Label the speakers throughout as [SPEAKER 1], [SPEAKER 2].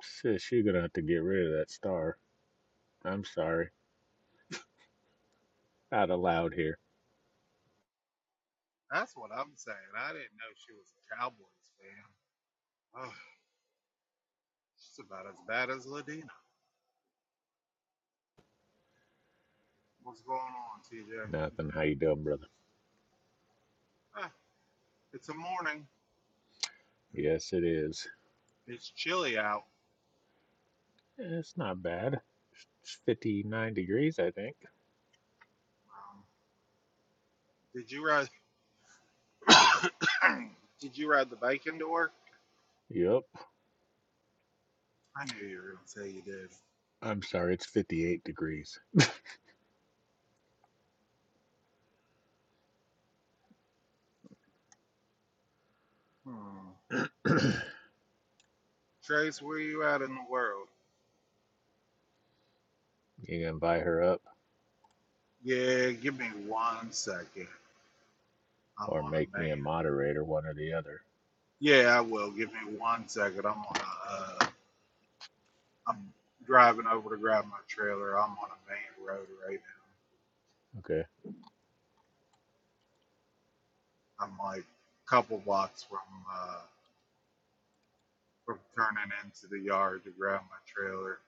[SPEAKER 1] Sis, you're gonna have to get rid of that star. I'm sorry. Not allowed here.
[SPEAKER 2] That's what I'm saying. I didn't know she was a Cowboys fan. Oh, she's about as bad as Ladina. What's going on, TJ?
[SPEAKER 1] Nothing. How you doing, brother?
[SPEAKER 2] Ah, it's a morning.
[SPEAKER 1] Yes, it is.
[SPEAKER 2] It's chilly out.
[SPEAKER 1] It's not bad. It's 59 degrees, I think.
[SPEAKER 2] Um, did you ride? did you ride the bike into work?
[SPEAKER 1] Yup.
[SPEAKER 2] I knew you were gonna say you did.
[SPEAKER 1] I'm sorry, it's 58 degrees.
[SPEAKER 2] Hmm.
[SPEAKER 1] you can
[SPEAKER 2] Trace, where you at in the world?
[SPEAKER 1] invite her up
[SPEAKER 2] Yeah, give me one second. I'm
[SPEAKER 1] or
[SPEAKER 2] on
[SPEAKER 1] make
[SPEAKER 2] a man.
[SPEAKER 1] me a moderator, one or the other.
[SPEAKER 2] Yeah, I will. Give me one second. I'm on a. Uh, I'm driving over to grab my trailer. I'm on a main road right now.
[SPEAKER 1] Okay.
[SPEAKER 2] I'm like a couple blocks from uh, from turning into the yard to grab my trailer.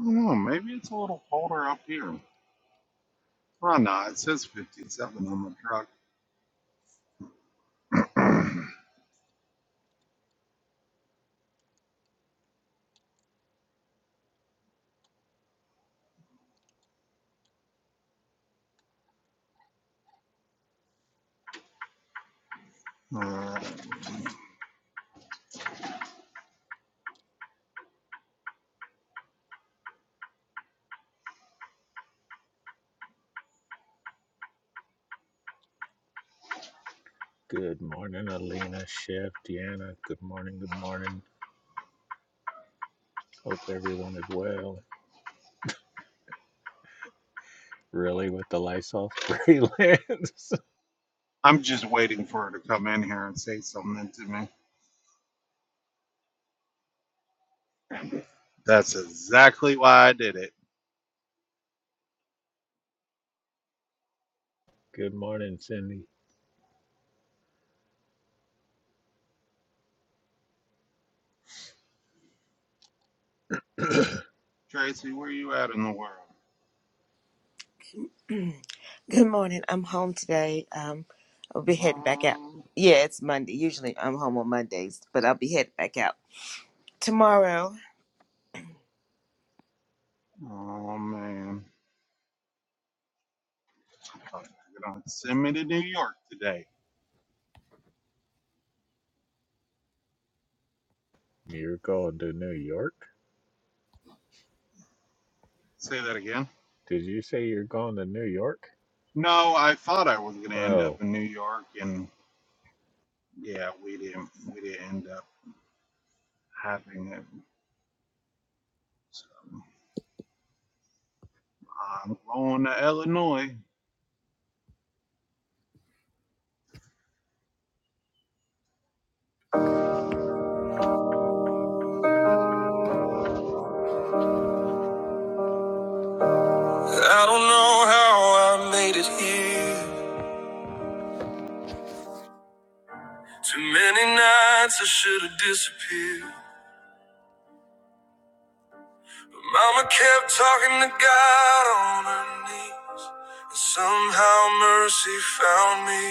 [SPEAKER 2] I don't know. Maybe it's a little colder up here. Well, no, it says 57 on the truck. Uh,
[SPEAKER 1] Good morning, Alina, Chef, Deanna. Good morning, good morning. Hope everyone is well. Really, with the Lysol spray lens.
[SPEAKER 2] I'm just waiting for her to come in here and say something to me. That's exactly why I did it.
[SPEAKER 1] good morning, Cindy.
[SPEAKER 2] Tracy, where you at in the world? Um, oh, man. Thought you were gonna Send me to New York today.
[SPEAKER 1] You're going to New York?
[SPEAKER 2] Say that again.
[SPEAKER 1] Did you say you're going to New York?
[SPEAKER 2] No, I thought I was going to end up
[SPEAKER 1] Oh,
[SPEAKER 2] in New York, and yeah, we didn't we didn't end up having it. So I'm going to Illinois.
[SPEAKER 3] I don't know how I made it here. Too many nights I should have disappeared. But mama kept talking to God on her knees. And somehow mercy found me.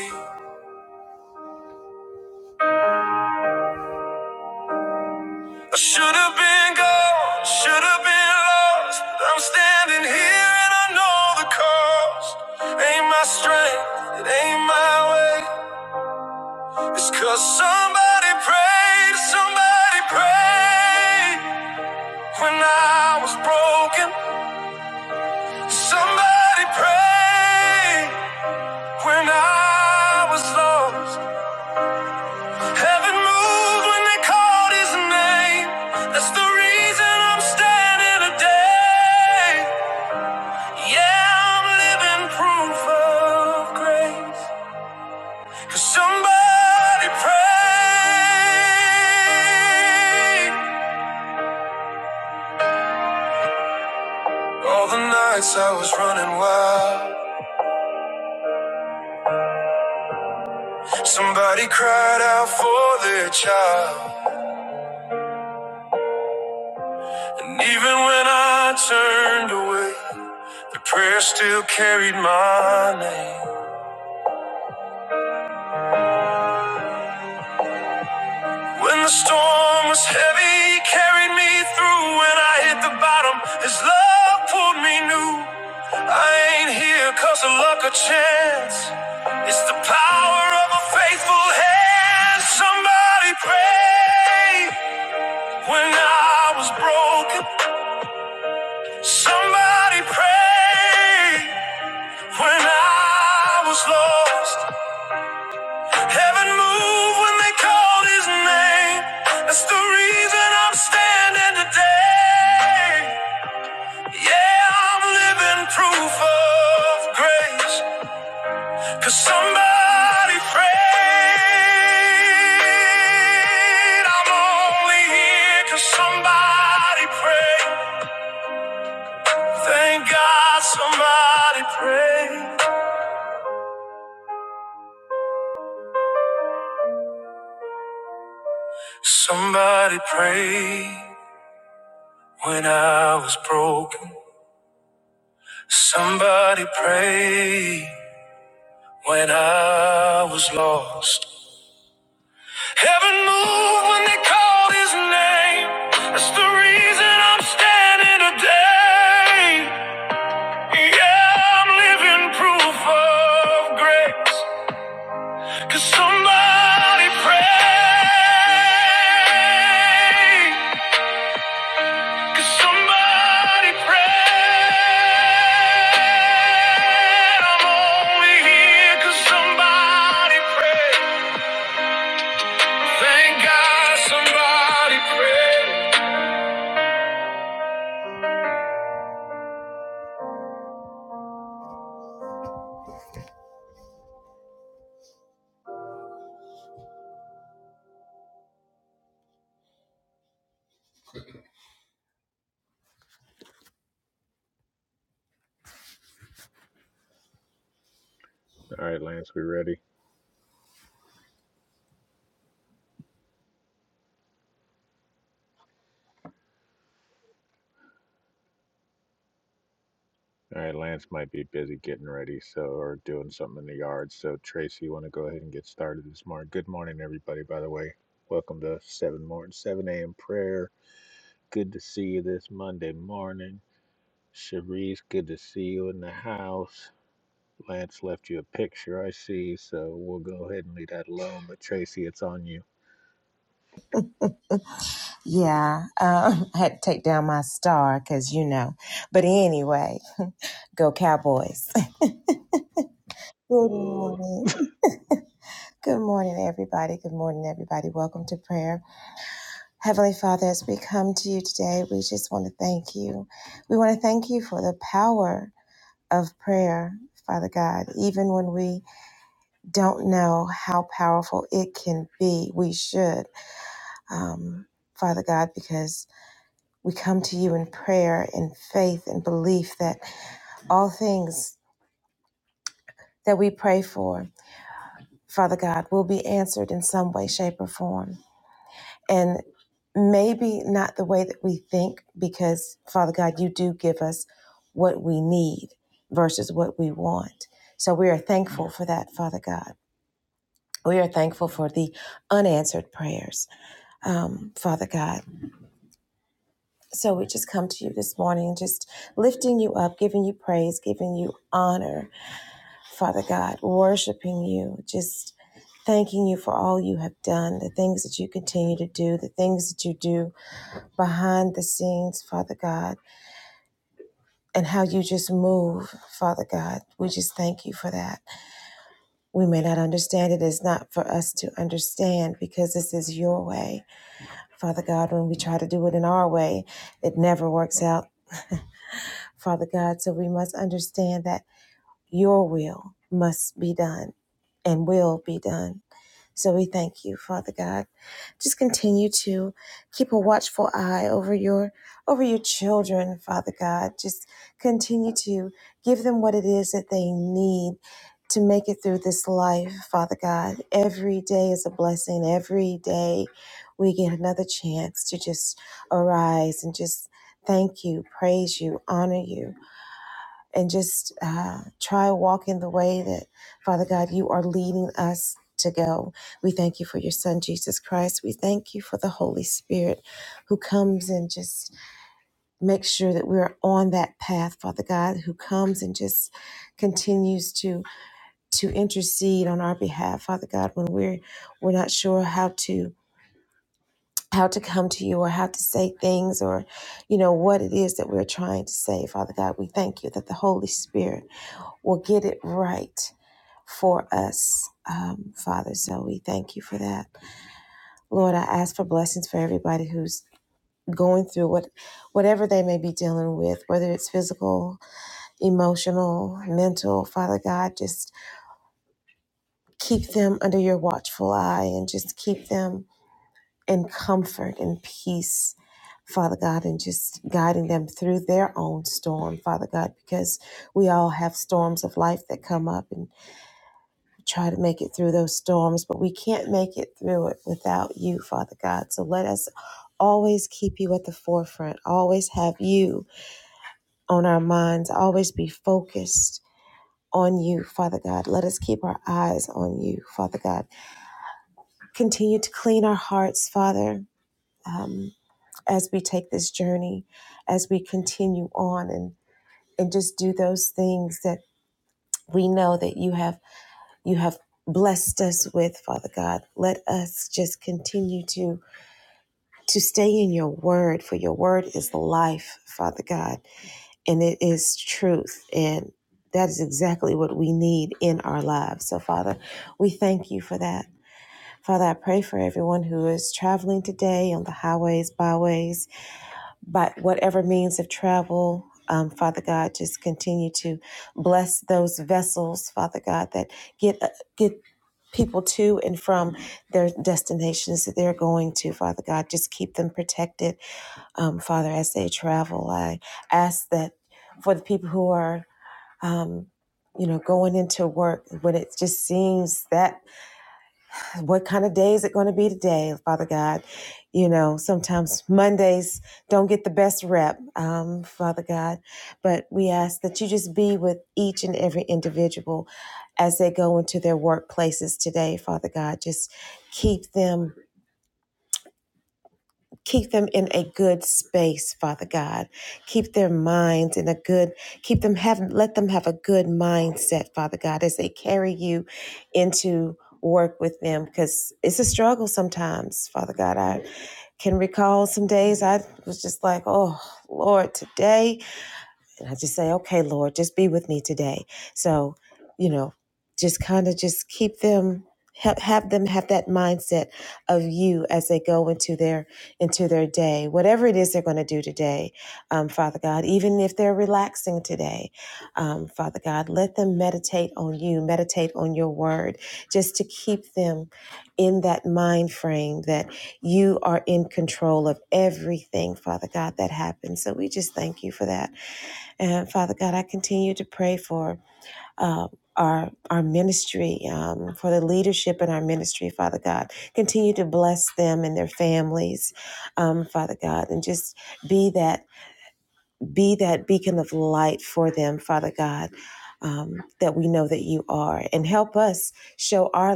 [SPEAKER 3] I should have been gone, should have been lost. But I'm standing here and I know the cost. Ain't my strength, it ain't my way. It's 'cause somebody prayed, somebody prayed. When I was broken, somebody prayed. When I was lost, heaven moved when they called his name. That's the reason I'm standing today. Yeah, I'm living proof of grace. 'Cause somebody prayed. All the nights I was running wild. Somebody cried out for their child. And even when I turned away, the prayer still carried my name. When the storm was heavy, he carried me through. When I hit the bottom, his love pulled me new. I ain't here cause of luck or chance. It's the power of a faithful hand. Somebody pray. When I was broken, somebody pray. When I was lost. Heaven moved when they called his name. That's the reason I'm standing today. Yeah, I'm living proof of grace. 'Cause somebody prayed. I'm only here 'cause somebody prayed. Thank God somebody prayed. Somebody prayed when I was broken. Somebody prayed when I was lost. Heaven moved when they called his name. That's the reason I'm standing today. Yeah, I'm living proof of grace. Cause somebody prayed. Could somebody pray? I'm only here 'cause somebody prayed. Thank God somebody prayed.
[SPEAKER 1] all right, Lance, we ready? All right, Lance might be busy getting ready, so or doing something in the yard. So Tracy, you want to go ahead and get started this morning? Good morning, everybody. By the way, welcome to seven morning, seven a.m. prayer. Good to see you this Monday morning, Cherise. Good to see you in the house. Lance left you a picture, I see, so we'll go ahead and leave that alone. But Tracy, it's on you. Ugh.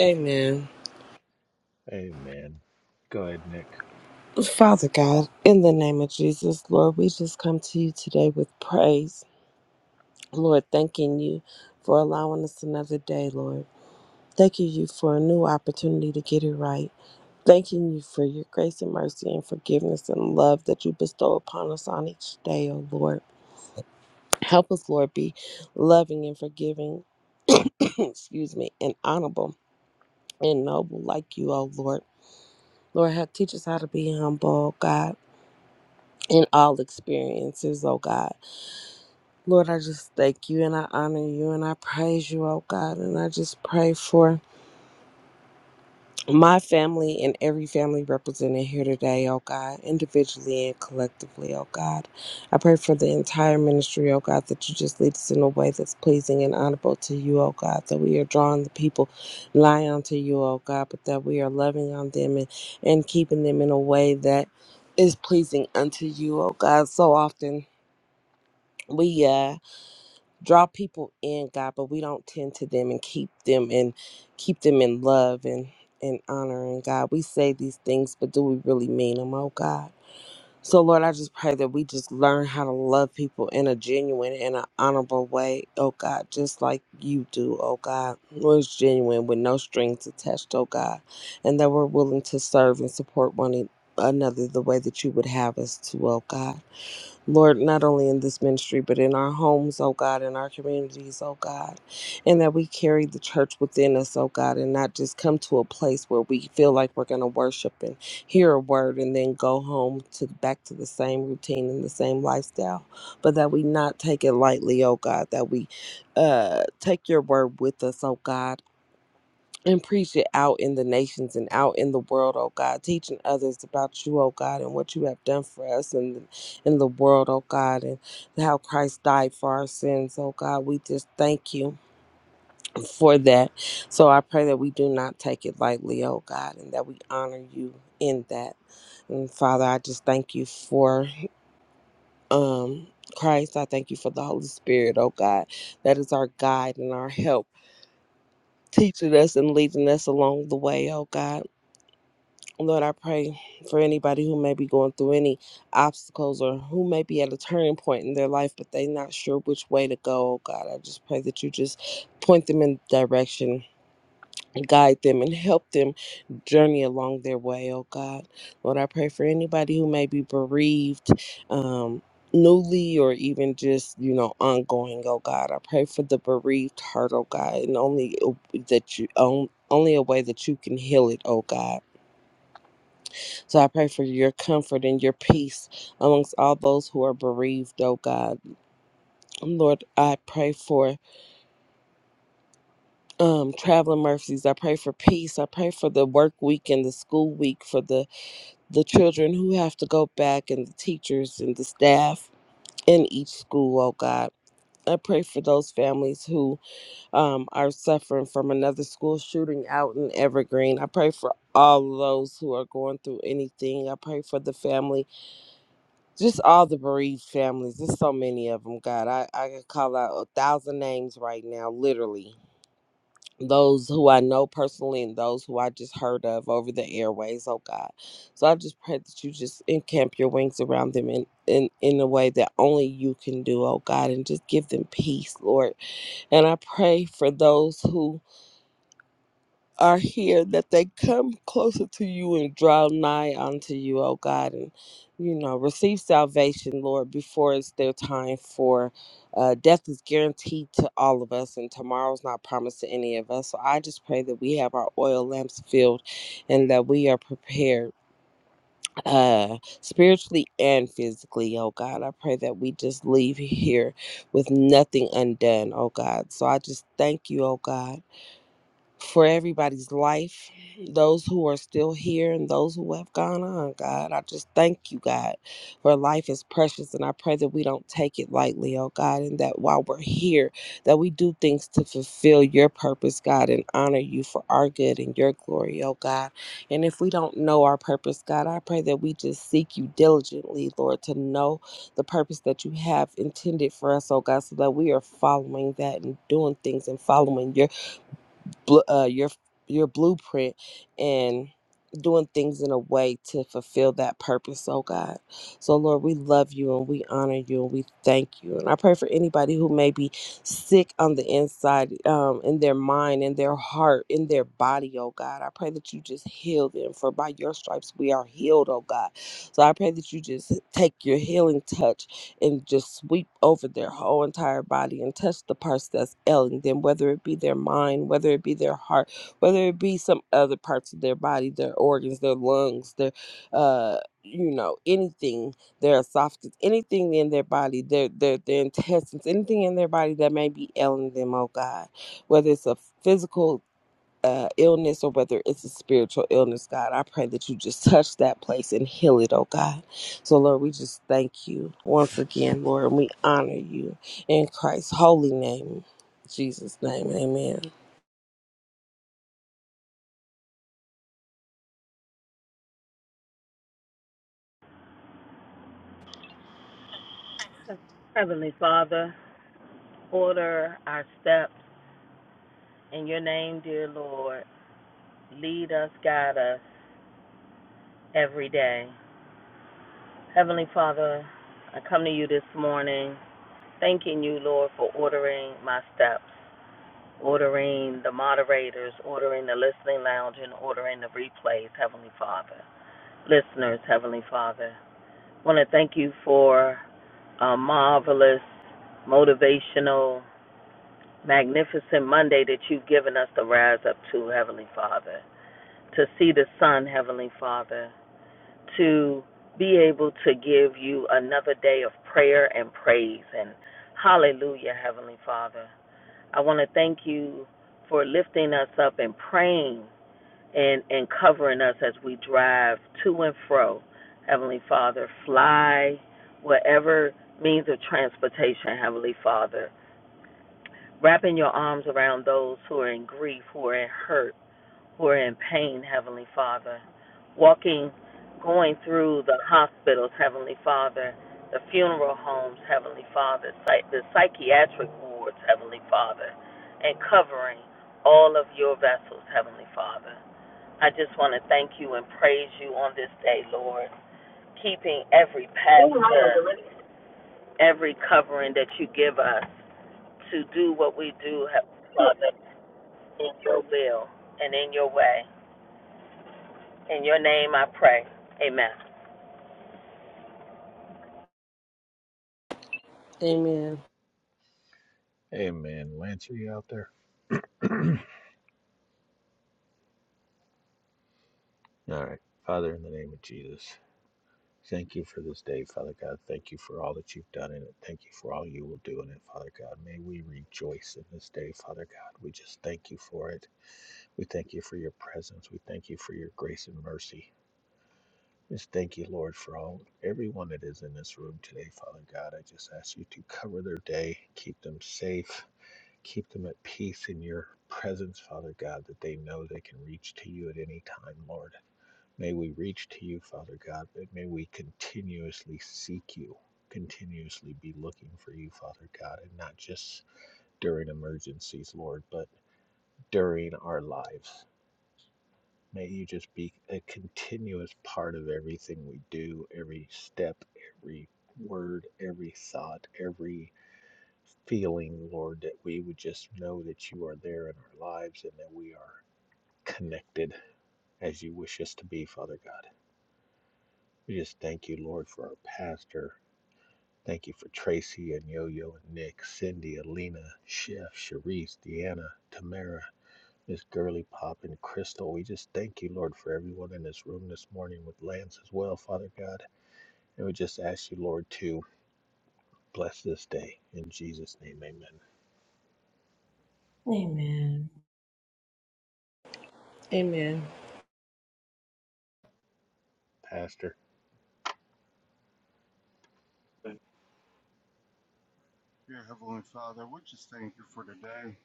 [SPEAKER 4] Amen.
[SPEAKER 1] Amen. Go ahead, Nick.
[SPEAKER 4] Father God, in the name of Jesus, Lord, we just come to you today with praise. Lord, thanking you for allowing us another day, Lord. Thanking you for a new opportunity to get it right. Thanking you for your grace and mercy and forgiveness and love that you bestow upon us on each day, oh Lord. Help us, Lord, be loving and forgiving, excuse me, and honorable and noble like you, oh Lord. Lord, help teach us how to be humble, oh God in all experiences, oh God. Lord, I just thank you and I honor you and I praise you, oh God. And I just pray for my family and every family represented here today, oh God, individually and collectively, oh God. I pray for the entire ministry, oh God, that you just lead us in a way that's pleasing and honorable to you, oh God, that we are drawing the people nigh unto you, oh God, but that we are loving on them and, and keeping them in a way that is pleasing unto you, oh God. So often we, uh, draw people in god but we don't tend to them and keep them and keep them in love and and honor and god we say these things but do we really mean them oh god so lord i just pray that we just learn how to love people in a genuine and an honorable way oh god just like you do oh god was genuine with no strings attached oh god and that we're willing to serve and support one another the way that you would have us to oh god Lord, not only in this ministry, but in our homes, oh God, in our communities, oh God, and that we carry the church within us, oh God, and not just come to a place where we feel like we're going to worship and hear a word and then go home to back to the same routine and the same lifestyle, but that we not take it lightly, oh God, that we uh, take your word with us, oh God, and preach it out in the nations and out in the world, oh God, teaching others about you, oh God, and what you have done for us and in the world, oh God, and how Christ died for our sins, oh God. We just thank you for that. So I pray that we do not take it lightly, oh God, and that we honor you in that. And Father, I just thank you for um Christ. I thank you for the Holy Spirit, oh God. That is our guide and our help, teaching us and leading us along the way, oh God. Lord, I pray for anybody who may be going through any obstacles or who may be at a turning point in their life, but they're not sure which way to go. Oh God, I just pray that you just point them in direction, guide them, and help them journey along their way. Oh God, Lord, I pray for anybody who may be bereaved. Um, Newly or even just, you know, ongoing, oh God. I pray for the bereaved heart, oh God, and only that you, on, only a way that you can heal it, oh God. So I pray for your comfort and your peace amongst all those who are bereaved, oh God. Lord, I pray for um, traveling mercies. I pray for peace. I pray for the work week and the school week for the, the children who have to go back and the teachers and the staff in each school, oh God. I pray for those families who um, are suffering from another school shooting out in Evergreen. I pray for all those who are going through anything. I pray for the family just all the bereaved families. There's so many of them. God, I, I could call out a thousand names right now, literally. Those who I know personally and those who I just heard of over the airways. Oh God. So I just pray that you just encamp your wings around them in, in, in a way that only you can do, oh God, and just give them peace, Lord. And I pray for those who are here that they come closer to you and draw nigh unto you, oh God, and you know, receive salvation, Lord, before it's their time for uh, death is guaranteed to all of us, and tomorrow's not promised to any of us. So I just pray that we have our oil lamps filled and that we are prepared uh, spiritually and physically, oh God. I pray that we just leave here with nothing undone, oh God. So I just thank you, oh God for everybody's life, those who are still here and those who have gone on, God. I just thank you, God, for life is precious and I pray that we don't take it lightly, oh God, and that while we're here, that we do things to fulfill your purpose, God, and honor you for our good and your glory, oh God. And if we don't know our purpose, God, I pray that we just seek you diligently, Lord, to know the purpose that you have intended for us, oh God, so that we are following that and doing things and following your bl- uh, your your blueprint and doing things in a way to fulfill that purpose oh god so lord we love you and we honor you and we thank you and i pray for anybody who may be sick on the inside um, in their mind in their heart in their body oh god i pray that you just heal them for by your stripes we are healed oh god so I pray that you just take your healing touch and just sweep over their whole entire body and touch the parts that's ailing them, whether it be their mind, whether it be their heart, whether it be some other parts of their body, their organs, their lungs, their, uh, you know, anything, their esophagus, anything in their body, their, their, their intestines, anything in their body that may be ailing them, oh God whether it's a physical uh, illness or whether it's a spiritual illness, God, I pray that you just touch that place and heal it, oh God. So, Lord, we just thank you once again, Lord, and we honor you in Christ's holy name, Jesus' name. Amen.
[SPEAKER 5] Heavenly Father, order our steps in your name, dear Lord. Lead us, guide us every day. Heavenly Father, I come to you this morning thanking you, Lord, for ordering my steps, ordering the moderators, ordering the listening lounge, and ordering the replays, Heavenly Father. Listeners, Heavenly Father, I want to thank you for a marvelous, motivational, magnificent Monday that you've given us to rise up to, Heavenly Father, to see the sun, Heavenly Father, to be able to give you another day of prayer and praise. And hallelujah, Heavenly Father. I want to thank you for lifting us up and praying and, and covering us as we drive to and fro, Heavenly Father. Fly whatever means of transportation, Heavenly Father Wrapping your arms around those who are in grief, who are in hurt, who are in pain, Heavenly Father. Walking, going through the hospitals, Heavenly Father, the funeral homes, Heavenly Father, the psychiatric wards, Heavenly Father, and covering all of your vessels, Heavenly Father. I just want to thank you and praise you on this day, Lord, keeping every pastor every covering that you give us to do what we do, Heavenly Father in your will and in your way. In your name I pray. Amen.
[SPEAKER 4] Amen.
[SPEAKER 1] Amen. Lance, are you out there? All right. Father, in the name of Jesus, thank you for this day, Father God. Thank you for all that you've done in it. Thank you for all you will do in it, Father God. May we rejoice in this day, Father God. We just thank you for it. We thank you for your presence. We thank you for your grace and mercy. Just thank you, Lord, for all everyone that is in this room today, Father God. I just ask you to cover their day, keep them safe, keep them at peace in your presence, Father God, that they know they can reach to you at any time, Lord. May we reach to you, Father God, but may we continuously seek you, continuously be looking for you, Father God, and not just during emergencies, Lord, but during our lives. May you just be a continuous part of everything we do, every step, every word, every thought, every feeling, Lord, that we would just know that you are there in our lives and that we are connected as you wish us to be, Father God. We just thank you, Lord, for our pastor. Thank you for Tracy and Yo Yo and Nick, Cindy, Alina, Chef, Sharice, Deanna, Tamara, Miss Girly Pop, and Crystal. We just thank you, Lord, for everyone in this room this morning with Lance as well, Father God. And we just ask you, Lord, to bless this day. In Jesus' name, amen.
[SPEAKER 4] Amen.
[SPEAKER 1] Pastor,
[SPEAKER 2] Dear Heavenly Father, we just thank you for today.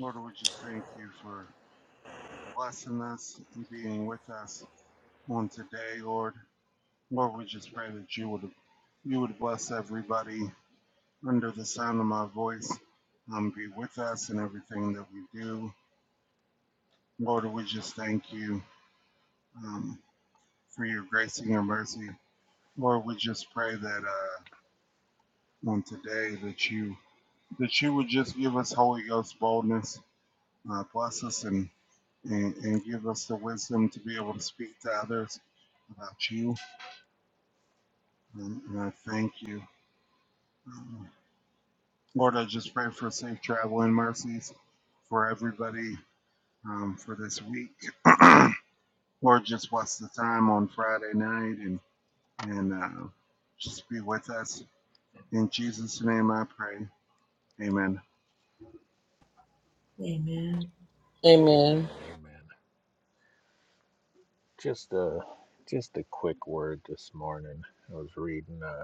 [SPEAKER 2] Lord, we just thank you for blessing us and being with us on today, Lord. Lord, we just pray that you would you would bless everybody under the sound of my voice. Um, be with us in everything that we do. Lord, we just thank you um, for your grace and your mercy. Lord, we just pray that. Uh, on today that you that you would just give us Holy Ghost boldness, uh, bless us, and, and and give us the wisdom to be able to speak to others about you. And, and I thank you, um, Lord. I just pray for safe travel and mercies for everybody um, for this week. Lord, just bless the time on Friday night and and uh, just be with us. In Jesus' name, I pray. Amen.
[SPEAKER 4] Amen.
[SPEAKER 1] amen, amen. Just a, just a quick word this morning. I was reading. Uh,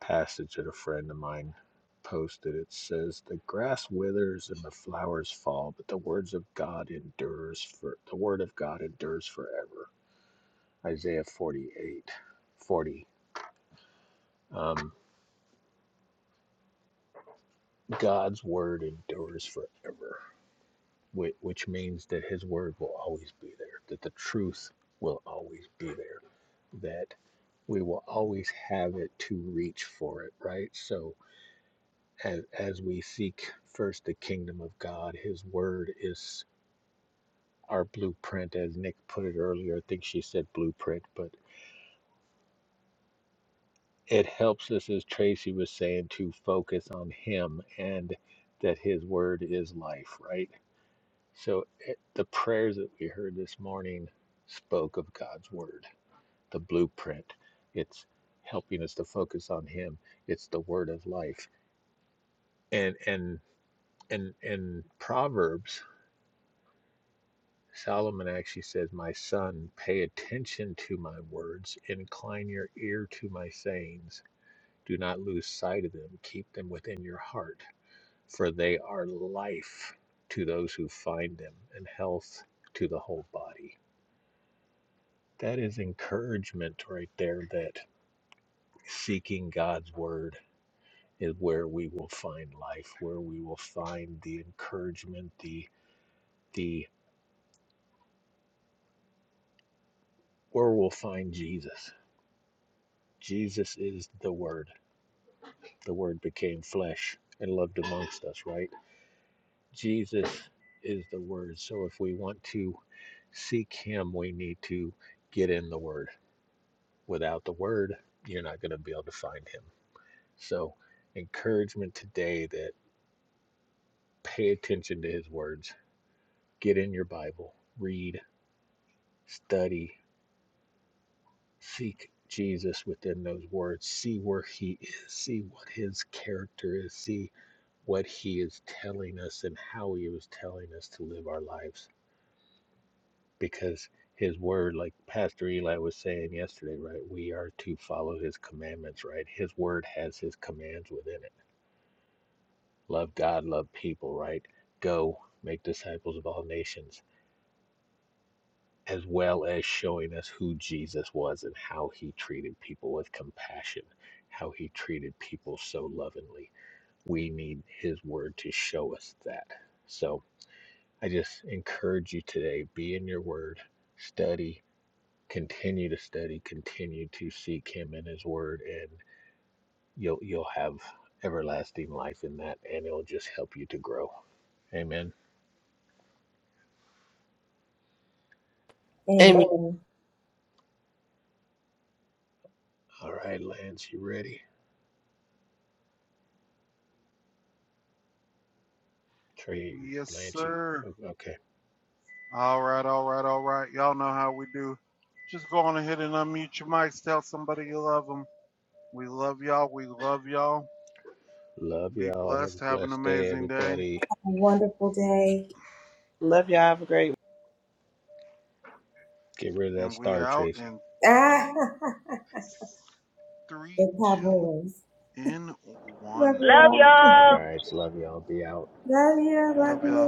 [SPEAKER 1] passage that a friend of mine posted. It says, "The grass withers and the flowers fall, but the words of God endures for the word of God endures forever." Isaiah 48, 40. Um, God's word endures forever, which, which means that His word will always be there, that the truth will always be there, that we will always have it to reach for it, right? So as, as we seek first the kingdom of God, His word is our blueprint, as Nick put it earlier. I think she said blueprint, but it helps us, as Tracy was saying, to focus on Him and that His word is life, right? So it, the prayers that we heard this morning spoke of God's word, the blueprint. It's helping us to focus on Him. It's the word of life, and and and and Proverbs. Solomon actually says, My son, pay attention to my words, incline your ear to my sayings. Do not lose sight of them, keep them within your heart, for they are life to those who find them and health to the whole body. That is encouragement right there that seeking God's word is where we will find life, where we will find the encouragement, the the where we'll find Jesus. Jesus is the word. the word became flesh and lived amongst us, right? Jesus is the word. So if we want to seek him, we need to get in the word. Without the word, you're not going to be able to find him. So, encouragement today that pay attention to his words, get in your Bible, read, study, Seek Jesus within those words. See where He is. See what His character is. See what He is telling us and how He was telling us to live our lives. Because His word, like Pastor Eli was saying yesterday, right? We are to follow His commandments, right? His word has His commands within it. Love God, love people, right? Go make disciples of all nations as well as showing us who Jesus was and how he treated people with compassion, how he treated people so lovingly. We need his word to show us that. So I just encourage you today be in your word, study, continue to study, continue to seek him in his word, and you'll, you'll have everlasting life in that, and it'll just help you to grow. Amen.
[SPEAKER 4] Amen.
[SPEAKER 1] All right, Lance, you ready? Trey,
[SPEAKER 2] Yes,
[SPEAKER 1] Lance, you,
[SPEAKER 2] sir.
[SPEAKER 1] okay.
[SPEAKER 2] All right, all right, all right. Y'all know how we do. Just go on ahead and unmute your mics. Tell somebody you love them. We love y'all. We love y'all.
[SPEAKER 1] Love
[SPEAKER 2] Be
[SPEAKER 1] y'all. Have a
[SPEAKER 2] blessed. Have an
[SPEAKER 1] blessed day,
[SPEAKER 2] amazing day.
[SPEAKER 1] everybody.
[SPEAKER 4] Love
[SPEAKER 1] Get rid of that
[SPEAKER 2] And we
[SPEAKER 1] star,
[SPEAKER 2] out
[SPEAKER 1] Tracy.
[SPEAKER 2] in three, three, two, and one.
[SPEAKER 5] Love y'all.
[SPEAKER 1] All right. Love y'all. Be out.
[SPEAKER 2] Love y'all.